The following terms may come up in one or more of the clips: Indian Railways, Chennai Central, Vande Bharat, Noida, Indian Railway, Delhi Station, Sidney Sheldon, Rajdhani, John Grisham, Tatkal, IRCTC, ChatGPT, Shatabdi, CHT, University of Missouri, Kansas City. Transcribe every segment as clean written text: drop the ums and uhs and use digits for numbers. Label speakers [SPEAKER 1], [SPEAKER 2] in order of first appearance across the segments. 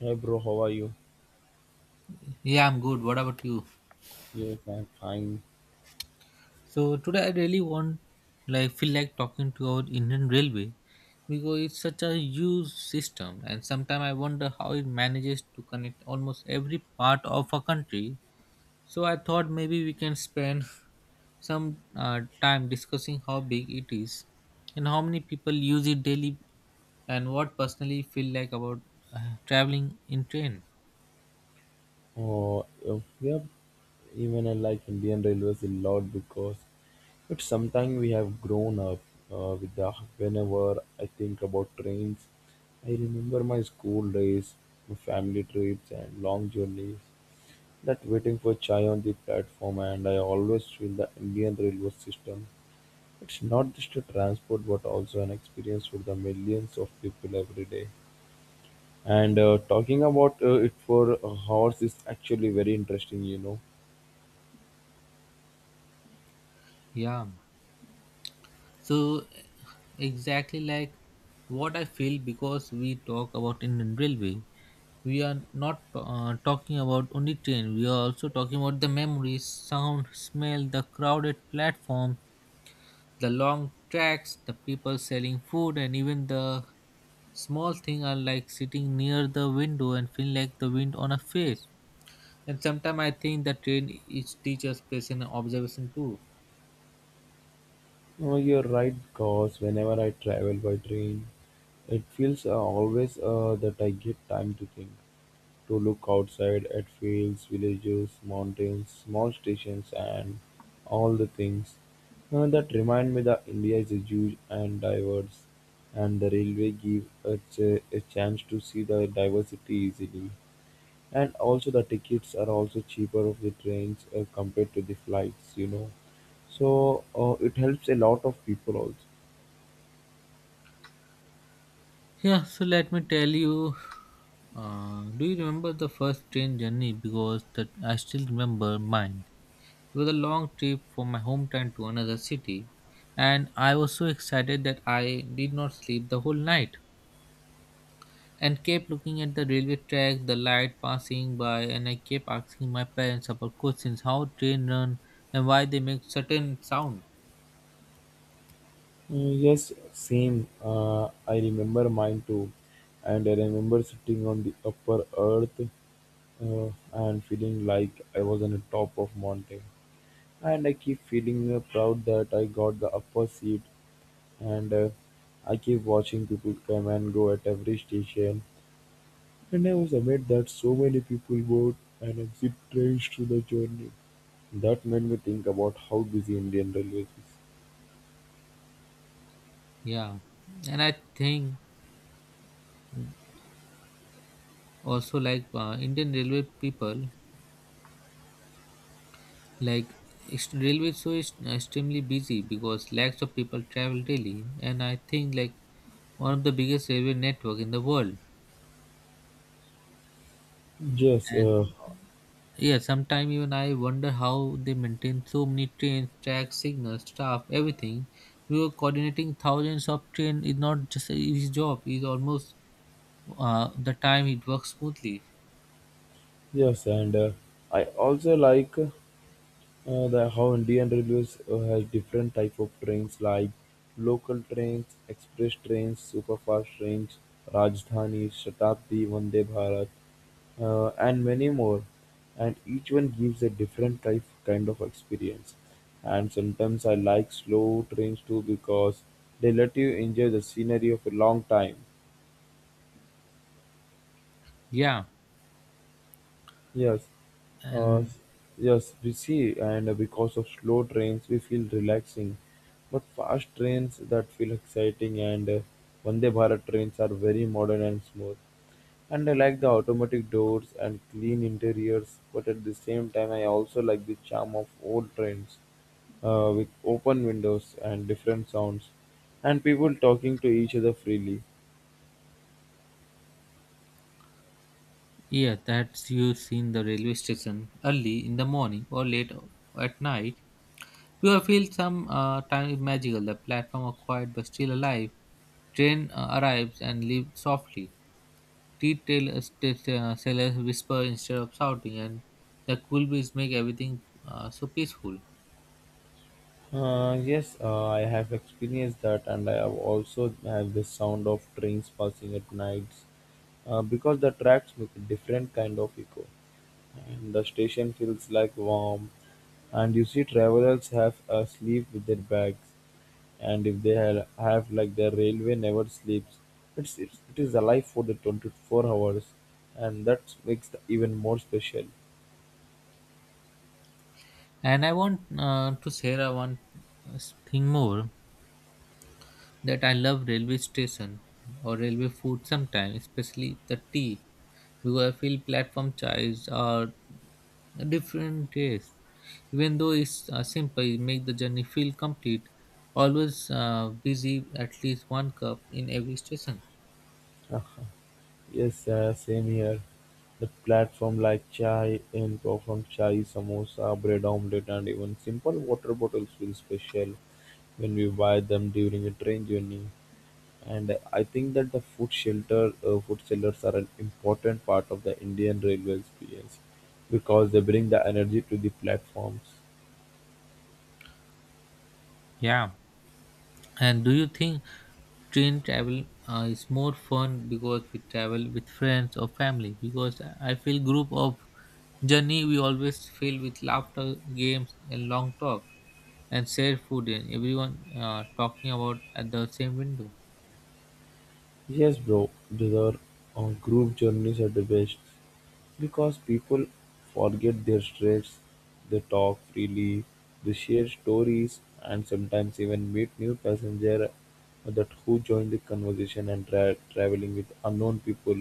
[SPEAKER 1] Hey bro, how are you?
[SPEAKER 2] Yeah, I'm good. What about you?
[SPEAKER 1] Yes, I'm fine.
[SPEAKER 2] So today I really want like feel like talking to our Indian Railway because it's such a huge system and sometimes I wonder how it manages to connect almost every part of a country. So I thought maybe we can spend some time discussing how big it is and how many people use it daily and what personally feel like about traveling in train.
[SPEAKER 1] Oh, if we have even I like Indian Railways a lot because it's sometime we have grown up with the whenever I think about trains, I remember my school days, my family trips and long journeys. That waiting for chai on the platform, and I always feel the Indian railway system. It's not just a transport, but also an experience for the millions of people every day. And talking about it for a horse is actually very interesting, you know.
[SPEAKER 2] Yeah. So exactly like what I feel because we talk about in railway, we are not talking about only train. We are also talking about the memories, sound, smell, the crowded platform, the long tracks, the people selling food, and even the small thing are like sitting near the window and feel like the wind on a face. And sometimes I think the train is teaches patience and observation too.
[SPEAKER 1] You're right, because whenever I travel by train, it feels always that I get time to think, to look outside at fields, villages, mountains, small stations, and all the things that remind me that India is a huge and diverse, and the railway give us a chance to see the diversity easily. And also the tickets are also cheaper of the trains compared to the flights, you know. So it helps a lot of people also.
[SPEAKER 2] Yeah, so let me tell you. Do you remember the first train journey? Because that I still remember mine. It was a long trip from my hometown to another city, and I was so excited that I did not sleep the whole night and kept looking at the railway track, the light passing by, and I kept asking my parents about questions: how train run and why they make certain sound.
[SPEAKER 1] Mm, yes, same. I remember mine too, and I remember sitting on the upper earth and feeling like I was on the top of mountain. And I keep feeling proud that I got the upper seat, and I keep watching people come and go at every station. And I was amazed that so many people board and exit trains through the journey. That made me think about how busy Indian Railways is.
[SPEAKER 2] Yeah, and I think also like Indian railway people like railway is so extremely busy because lakhs of people travel daily, and I think like one of the biggest railway network in the world.
[SPEAKER 1] Yes,
[SPEAKER 2] And yeah, sometimes even I wonder how they maintain so many trains, tracks, signals, staff, everything. We were coordinating thousands of train is not just a easy job. Is almost the time it works smoothly.
[SPEAKER 1] yes, and I also like the how Indian Railways has different type of trains like local trains, express trains, superfast trains, Rajdhani, Shatabdi, Vande Bharat, and many more. And each one gives a different type kind of experience. And sometimes I like slow trains too because they let you enjoy the scenery of a long time.
[SPEAKER 2] Yeah,
[SPEAKER 1] Yes, uh,
[SPEAKER 2] and
[SPEAKER 1] yes, we see, and because of slow trains, we feel relaxing. But fast trains that feel exciting, and Vande Bharat trains are very modern and smooth. And I like the automatic doors and clean interiors, but at the same time, I also like the charm of old trains with open windows and different sounds, and people talking to each other freely.
[SPEAKER 2] yeah, that's you seen the railway station early in the morning or late at night. Pure feels some time is magical. The platform are quiet but still alive. Train arrives and leaves softly. Sellers whisper instead of shouting, and the cool breeze make everything so peaceful.
[SPEAKER 1] Yes, I have experienced that, and I have also have the sound of trains passing at nights, because the tracks make a different kind of echo, and the station feels like warm. And you see, travelers have a sleep with their bags, and if they have like their railway never sleeps, it's it is alive for the 24 hours, and that makes the even more special.
[SPEAKER 2] And I want to share one uh, thing more. That I love railway station or railway food sometimes, especially the tea, because I feel platform chais are a different taste. Even though it's simple, it make the journey feel complete. Always busy, at least one cup in every station.
[SPEAKER 1] Yes, same here. The platform like chai and from chai, samosa, bread omelette, and even simple water bottles feel special when we buy them during a train journey. And I think that the food shelter, food sellers are an important part of the Indian railway experience because they bring the energy to the platforms.
[SPEAKER 2] Yeah. And do you think train travel is more fun because we travel with friends or family? Because I feel group of journey we always filled with laughter, games, and long talk, and shared food, and everyone talking about at the same window.
[SPEAKER 1] Yes bro, their group journeys are the best because people forget their stress, they talk freely, they share stories and sometimes even meet new passenger that who join the conversation and traveling with unknown people.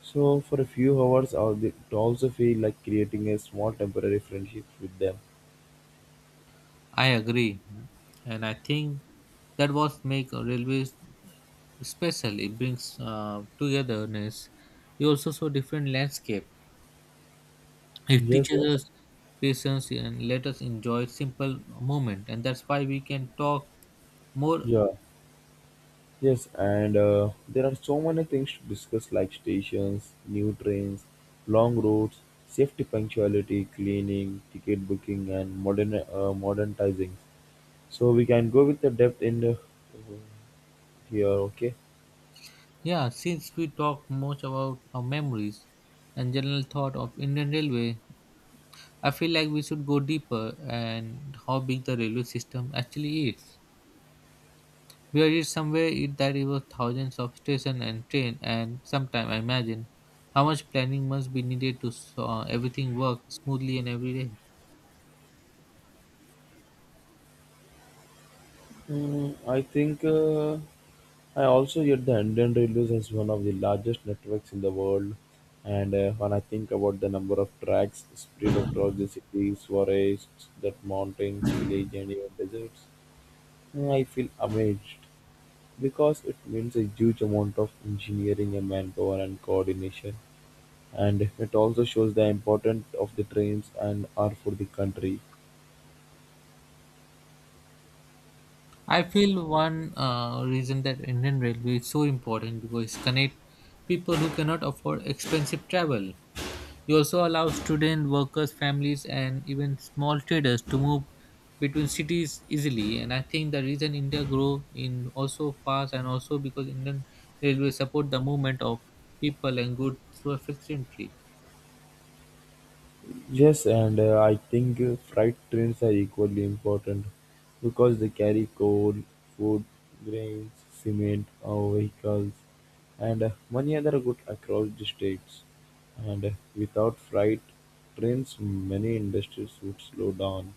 [SPEAKER 1] So for a few hours, it also feel like creating a small temporary friendship with them.
[SPEAKER 2] I agree, and I think that was make a railways special. It brings togetherness. You also saw different landscape. It
[SPEAKER 1] Yes,
[SPEAKER 2] teaches
[SPEAKER 1] sir.
[SPEAKER 2] us patience and let us enjoy simple moment, and that's why we can talk more.
[SPEAKER 1] Yeah. Yes, and there are so many things to discuss like stations, new trains, long routes, safety punctuality, cleaning, ticket booking, and modern modernizing. So we can go with the depth in the, here, okay?
[SPEAKER 2] Yeah, since we talk much about our memories and general thought of Indian Railway, I feel like we should go deeper and how big the railway system actually is. We read somewhere it, that it was thousands of station and train, and sometime I imagine how much planning must be needed to everything work smoothly and every day.
[SPEAKER 1] I think I also get the Indian Railways as one of the largest networks in the world. And when I think about the number of tracks spread across the cities, forests, that mountains, villages, and even deserts, I feel amazed because it means a huge amount of engineering and manpower and coordination. And it also shows the importance of the trains and are for the country.
[SPEAKER 2] I feel one reason that Indian Railway is so important because it connect people who cannot afford expensive travel. It also allows student, workers, families, and even small traders to move between cities easily. And I think the reason India grow in also fast and also because Indian Railway support the movement of people and goods so efficiently.
[SPEAKER 1] Yes, and I think freight trains are equally important because they carry coal, food, grains, cement, vehicles, and many other goods across the states. And Without freight trains, many industries would slow down.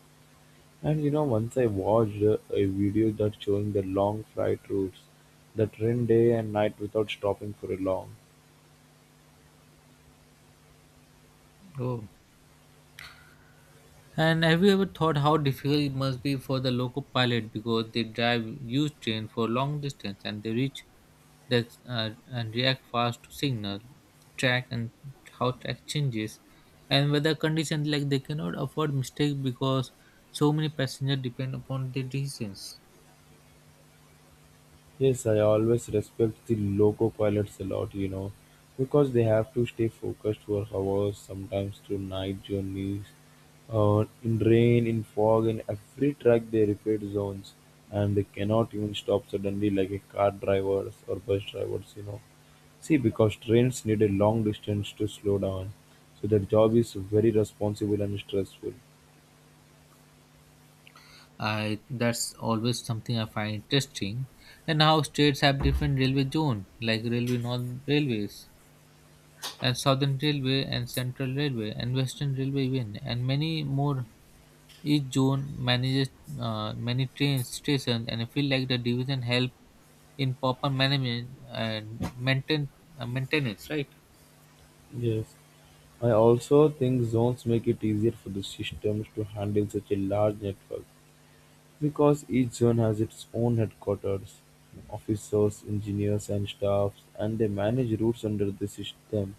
[SPEAKER 1] And you know, once I watched a video that showing the long flight routes that run day and night without stopping for a long.
[SPEAKER 2] Oh. And have you ever thought how difficult it must be for the local pilot because they drive huge train for long distance and they reach the, and react fast to signal, track and how track changes, and weather conditions like they cannot afford mistake because so many passengers depend upon their decisions.
[SPEAKER 1] Yes, I always respect the loco pilots a lot, you know, because they have to stay focused for hours, sometimes through night journeys, in rain, in fog, in every track they repeat zones, and they cannot even stop suddenly like a car drivers or bus drivers, you know. See because trains need a long distance to slow down, so their job is very responsible and stressful.
[SPEAKER 2] I that's always something I find interesting, and how states have different railway zone like railway non railways and Southern Railway and Central Railway and Western Railway even and many more. Each zone manages many train stations and I feel like the division help in proper management and maintain maintenance. Right?
[SPEAKER 1] Yes. I also think zones make it easier for the systems to handle such a large network because each zone has its own headquarters, officers, engineers, and staffs, and they manage routes under the system.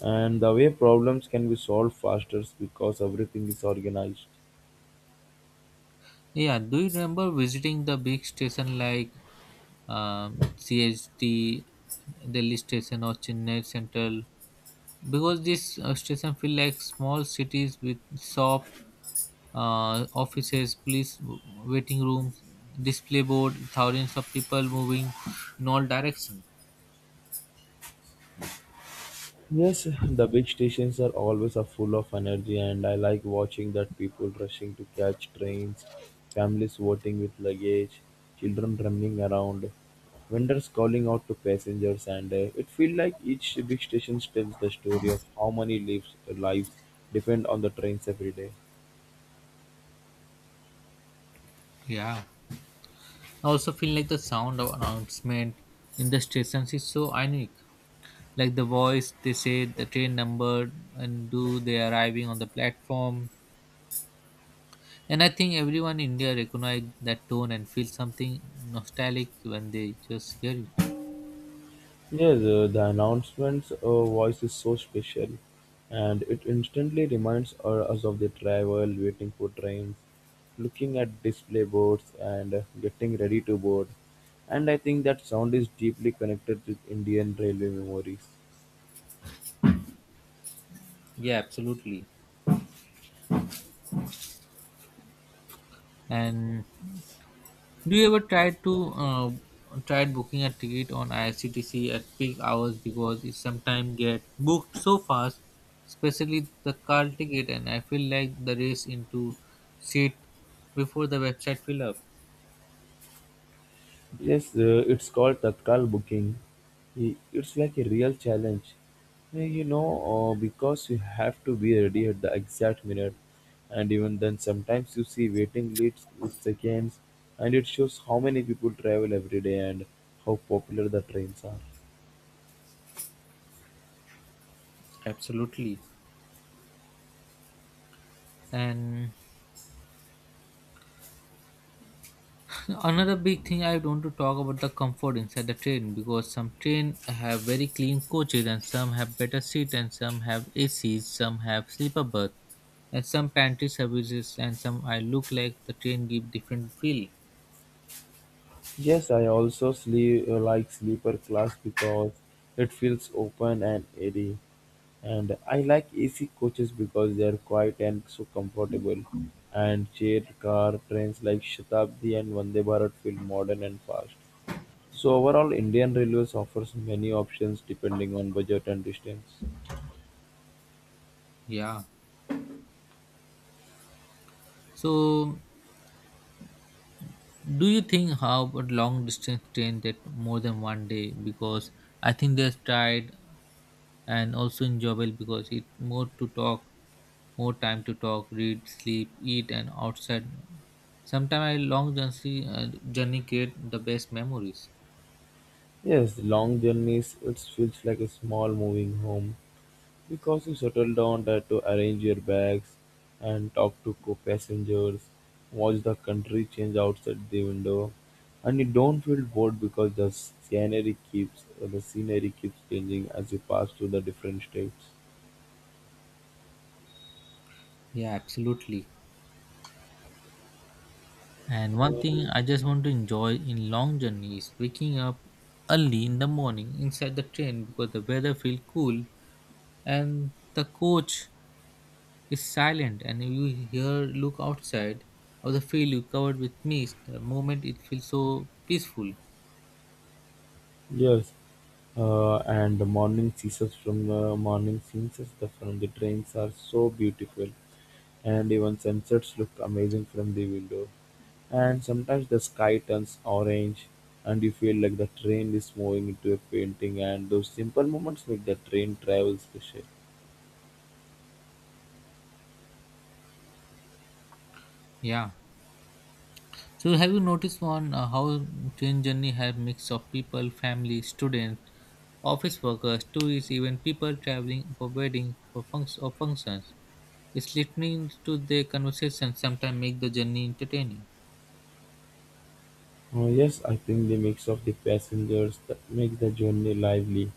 [SPEAKER 1] And the way problems can be solved faster is because everything is organized.
[SPEAKER 2] Yeah. Do you remember visiting the big station like CHT, Delhi Station or Chennai Central? Because this station feel like small cities with shop, offices, police, waiting rooms, display board, thousands of people moving in all directions.
[SPEAKER 1] Yes, the big stations are always are full of energy, and I like watching that people rushing to catch trains, families voting with luggage, children running around, vendors calling out to passengers, and it feels like each big station tells the story of how many lives depend on the trains every day.
[SPEAKER 2] Yeah, I also feel like the sound of announcement in the stations is so unique, like the voice they say the train number and do they arriving on the platform, and I think everyone in India recognize that tone and feel something nostalgic when they just hear it.
[SPEAKER 1] Yes, the announcement's voice is so special, and it instantly reminds us of the travel, waiting for trains, looking at display boards, and getting ready to board. And I think that sound is deeply connected with Indian railway memories.
[SPEAKER 2] Yeah, absolutely. And do you ever try to tried booking a ticket on IRCTC at peak hours because it sometimes get booked so fast, especially the car ticket, and I feel like the race into seat before the website fill up.
[SPEAKER 1] Yes, it's called Tatkal booking. It's like a real challenge. You know, because you have to be ready at the exact minute, and even then, sometimes you see waiting lists with seconds, and it shows how many people travel every day and how popular the trains are.
[SPEAKER 2] Absolutely, and another big thing I want to talk about the comfort inside the train because some train have very clean coaches and some have better seat and some have ACs, some have sleeper berth, and some pantry services and some I look like the train give different feel.
[SPEAKER 1] Yes, I also sleep like sleeper class because it feels open and airy. And I like AC coaches because they are quiet and so comfortable. And chair car trains like Shatabdi and Vande Bharat feel modern and fast. So overall, Indian Railways offers many options depending on budget and distance.
[SPEAKER 2] Yeah. So do you think how about long distance train that more than one day because I think they tried and also enjoyable because it more to talk, more time to talk, read, sleep, eat, and outside sometimes I long journey create the best memories.
[SPEAKER 1] Yes, long journeys, it feels like a small moving home. Because you settle down there to arrange your bags and talk to co-passengers, watch the country change outside the window, and you don't feel bored because the scenery keeps changing as you pass through the different states.
[SPEAKER 2] Yeah, absolutely. And one thing I just want to enjoy in long journey is waking up early in the morning inside the train because the weather feel cool and the coach is silent and you hear, look outside of the field you covered with mist, the moment it feels so peaceful.
[SPEAKER 1] Yes, and the morning scenes from morning scenes from the trains are so beautiful, and even sunsets look amazing from the window. And sometimes the sky turns orange, and you feel like the train is moving into a painting. And those simple moments make the train travel special.
[SPEAKER 2] Yeah. So have you noticed on how train journey have mix of people, family, student, office workers, tourists, even people traveling for wedding for or functions. It's listening to their conversation sometimes make the journey entertaining.
[SPEAKER 1] Oh yes, I think the mix of the passengers that makes the journey lively.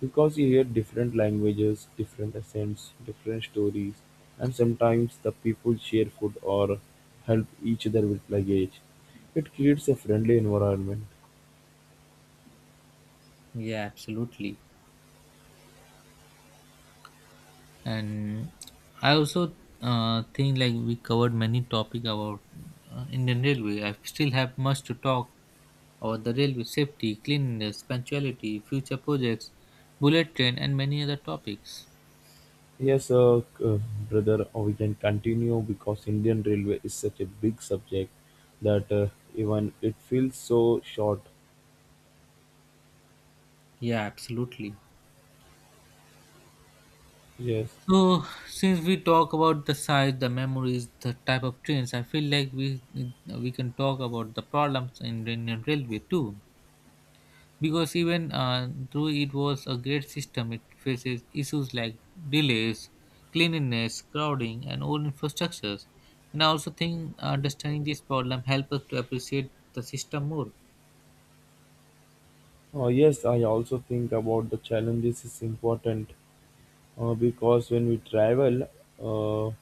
[SPEAKER 1] Because you hear different languages, different accents, different stories, and sometimes the people share food or help each other with luggage. It creates a friendly environment.
[SPEAKER 2] Yeah, absolutely. And I also think like we covered many topic about Indian railway, I still have much to talk about the railway safety, cleanliness, punctuality, future projects, bullet train, and many other topics.
[SPEAKER 1] Yes, brother, we can continue because Indian Railway is such a big subject that even it feels so short.
[SPEAKER 2] Yeah, absolutely.
[SPEAKER 1] Yes.
[SPEAKER 2] So since we talk about the size, the memories, the type of trains, I feel like we can talk about the problems in Indian railway too, because even though it was a great system, it faces issues like delays, cleanliness, crowding, and old infrastructures. And I also think understanding this problem helps us to appreciate the system more.
[SPEAKER 1] Yes, I also think about the challenges is important because when we travel, uh,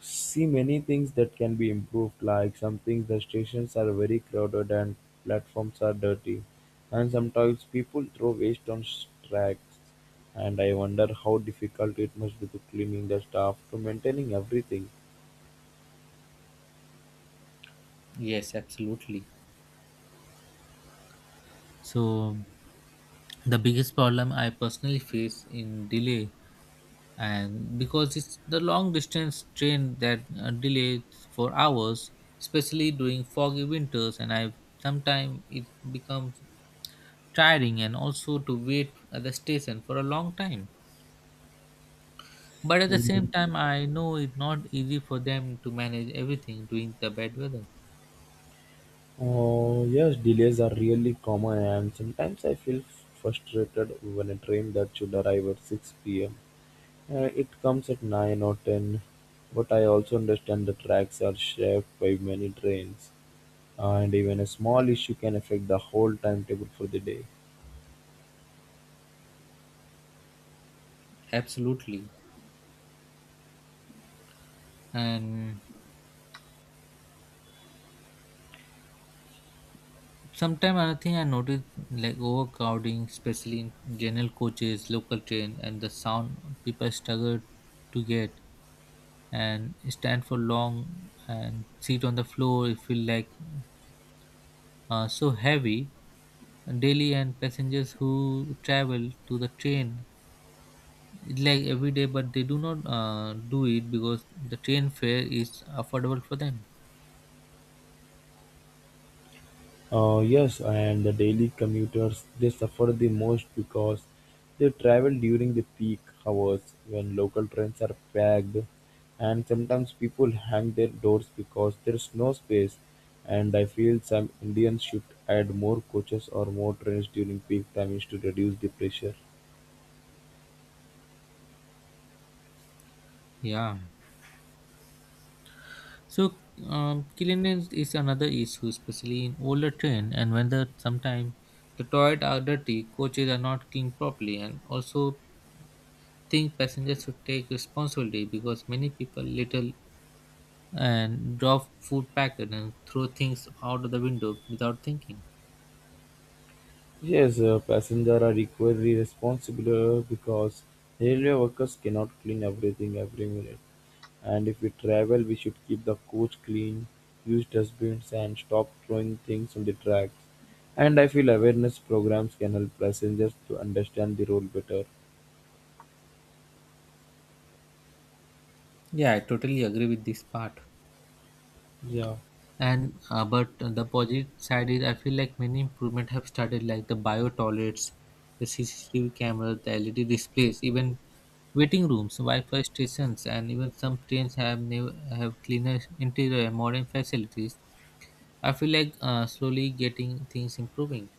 [SPEAKER 1] see many things that can be improved like some things. The stations are very crowded and platforms are dirty and sometimes people throw waste on tracks, and I wonder how difficult it must be to cleaning the staff to maintaining everything.
[SPEAKER 2] Yes, absolutely. So the biggest problem I personally face in delay, and because it's the long distance train that delays for hours, especially during foggy winters, and I've sometimes it becomes tiring and also to wait at the station for a long time. But at the
[SPEAKER 1] Mhm.
[SPEAKER 2] same time, I know it's not easy for them to manage everything during the bad weather.
[SPEAKER 1] Oh yes, delays are really common and sometimes I feel frustrated when a train that should arrive at 6 p.m. It comes at 9 or 10, but I also understand the tracks are shaped by many trains and even a small issue can affect the whole timetable for the day.
[SPEAKER 2] Absolutely. And sometimes another thing I noticed like overcrowding, especially in general coaches, local train, and the sound people struggle to get and stand for long and sit on the floor. It feel like so heavy. Daily and passengers who travel to the train like every day but they do not do it because the train fare is affordable for them.
[SPEAKER 1] Yes, and the daily commuters they suffer the most because they travel during the peak hours when local trains are packed, and sometimes people hang their doors because there's no space. And I feel some Indians should add more coaches or more trains during peak times to reduce the pressure.
[SPEAKER 2] Yeah, so cleanliness is another issue especially in older train and when the sometimes the toilet are dirty, coaches are not cleaned properly, and also think passengers should take responsibility because many people little and drop food packet and throw things out of the window without thinking.
[SPEAKER 1] Yes, passengers are equally responsible because railway workers cannot clean everything every minute. And if we travel, we should keep the coach clean, use dustbins, and stop throwing things on the tracks. And I feel awareness programs can help passengers to understand the role better.
[SPEAKER 2] Yeah, I totally agree with this part.
[SPEAKER 1] Yeah.
[SPEAKER 2] And but the positive side is I feel like many improvement have started like the bio toilets, the CCTV cameras, the LED displays, even waiting rooms, Wi-Fi stations, and even some trains have new have cleaner interior and modern facilities. I feel like slowly getting things improving.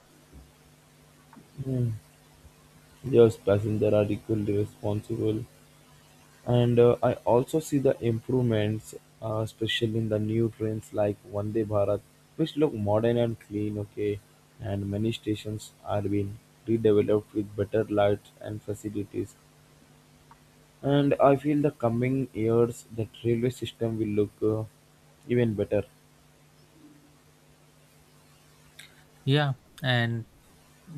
[SPEAKER 1] Hmm. Yes, passengers are equally responsible. And I also see the improvements, especially in the new trains like Vande Bharat, which look modern and clean, okay. And many stations are being redeveloped with better lights and facilities. And I feel the coming years that railway system will look even better.
[SPEAKER 2] Yeah, and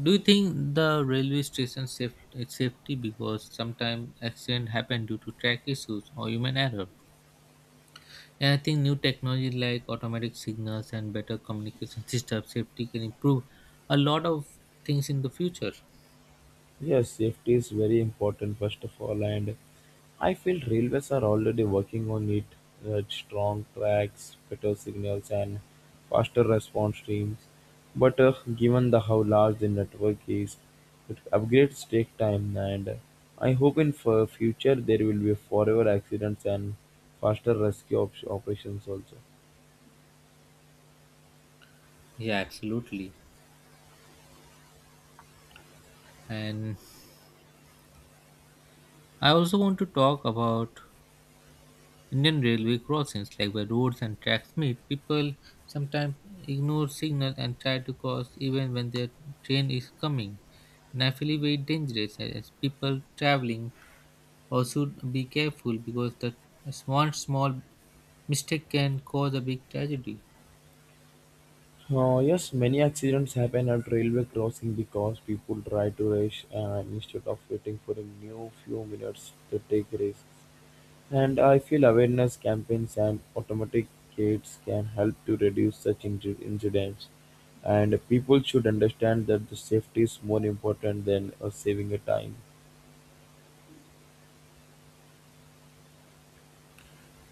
[SPEAKER 2] do you think the railway station safe, it's safety because sometimes accident happen due to track issues or human error? And I think new technology like automatic signals and better communication system safety can improve a lot of things in the future.
[SPEAKER 1] Yes, safety is very important first of all, and I feel railways are already working on it. Strong tracks, better signals, and faster response teams. But given the how large the network is, it upgrades take time, and I hope in for future there will be forever accidents and faster rescue operations also.
[SPEAKER 2] Yeah, absolutely. And I also want to talk about Indian railway crossings, like where roads and tracks meet. People sometimes ignore signals and try to cross even when their train is coming. And I feel it very dangerous as people traveling also be careful because the small small mistake can cause a big tragedy.
[SPEAKER 1] Yes, many accidents happen at railway crossing because people try to rush and instead of waiting for a new few minutes to take risks. And I feel awareness campaigns and automatic gates can help to reduce such incidents. And people should understand that the safety is more important than saving a time.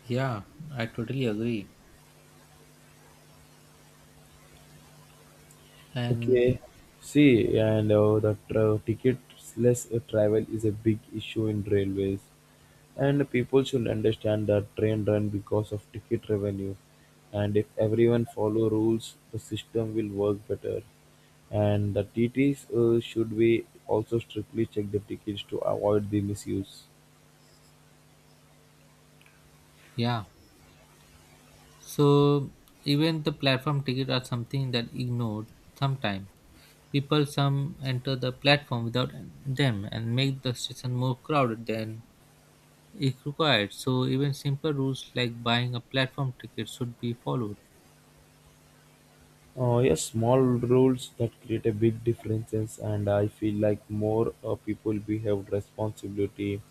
[SPEAKER 2] Yeah, I totally agree.
[SPEAKER 1] Okay,
[SPEAKER 2] And
[SPEAKER 1] see, and ticketless travel is a big issue in railways. And people should understand that train run because of ticket revenue. And if everyone follow rules, the system will work better. And the TTs should be also strictly check the tickets to avoid the misuse.
[SPEAKER 2] yeah, so even the platform ticket are something that ignored sometime. People some enter the platform without them and make the station more crowded than it required. So even simple rules like buying a platform ticket should be followed.
[SPEAKER 1] Yes, small rules that create a big differences, and I feel like more people behave responsibility.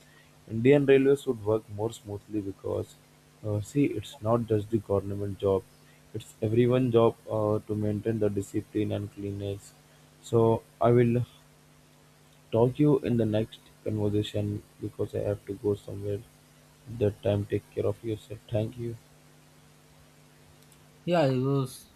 [SPEAKER 1] Indian railways would work more smoothly because, see, it's not just the government job; it's everyone job to maintain the discipline and cleanliness. So I will talk you in the next conversation because I have to go somewhere. That time, take care of yourself. Thank you.
[SPEAKER 2] Yeah, it was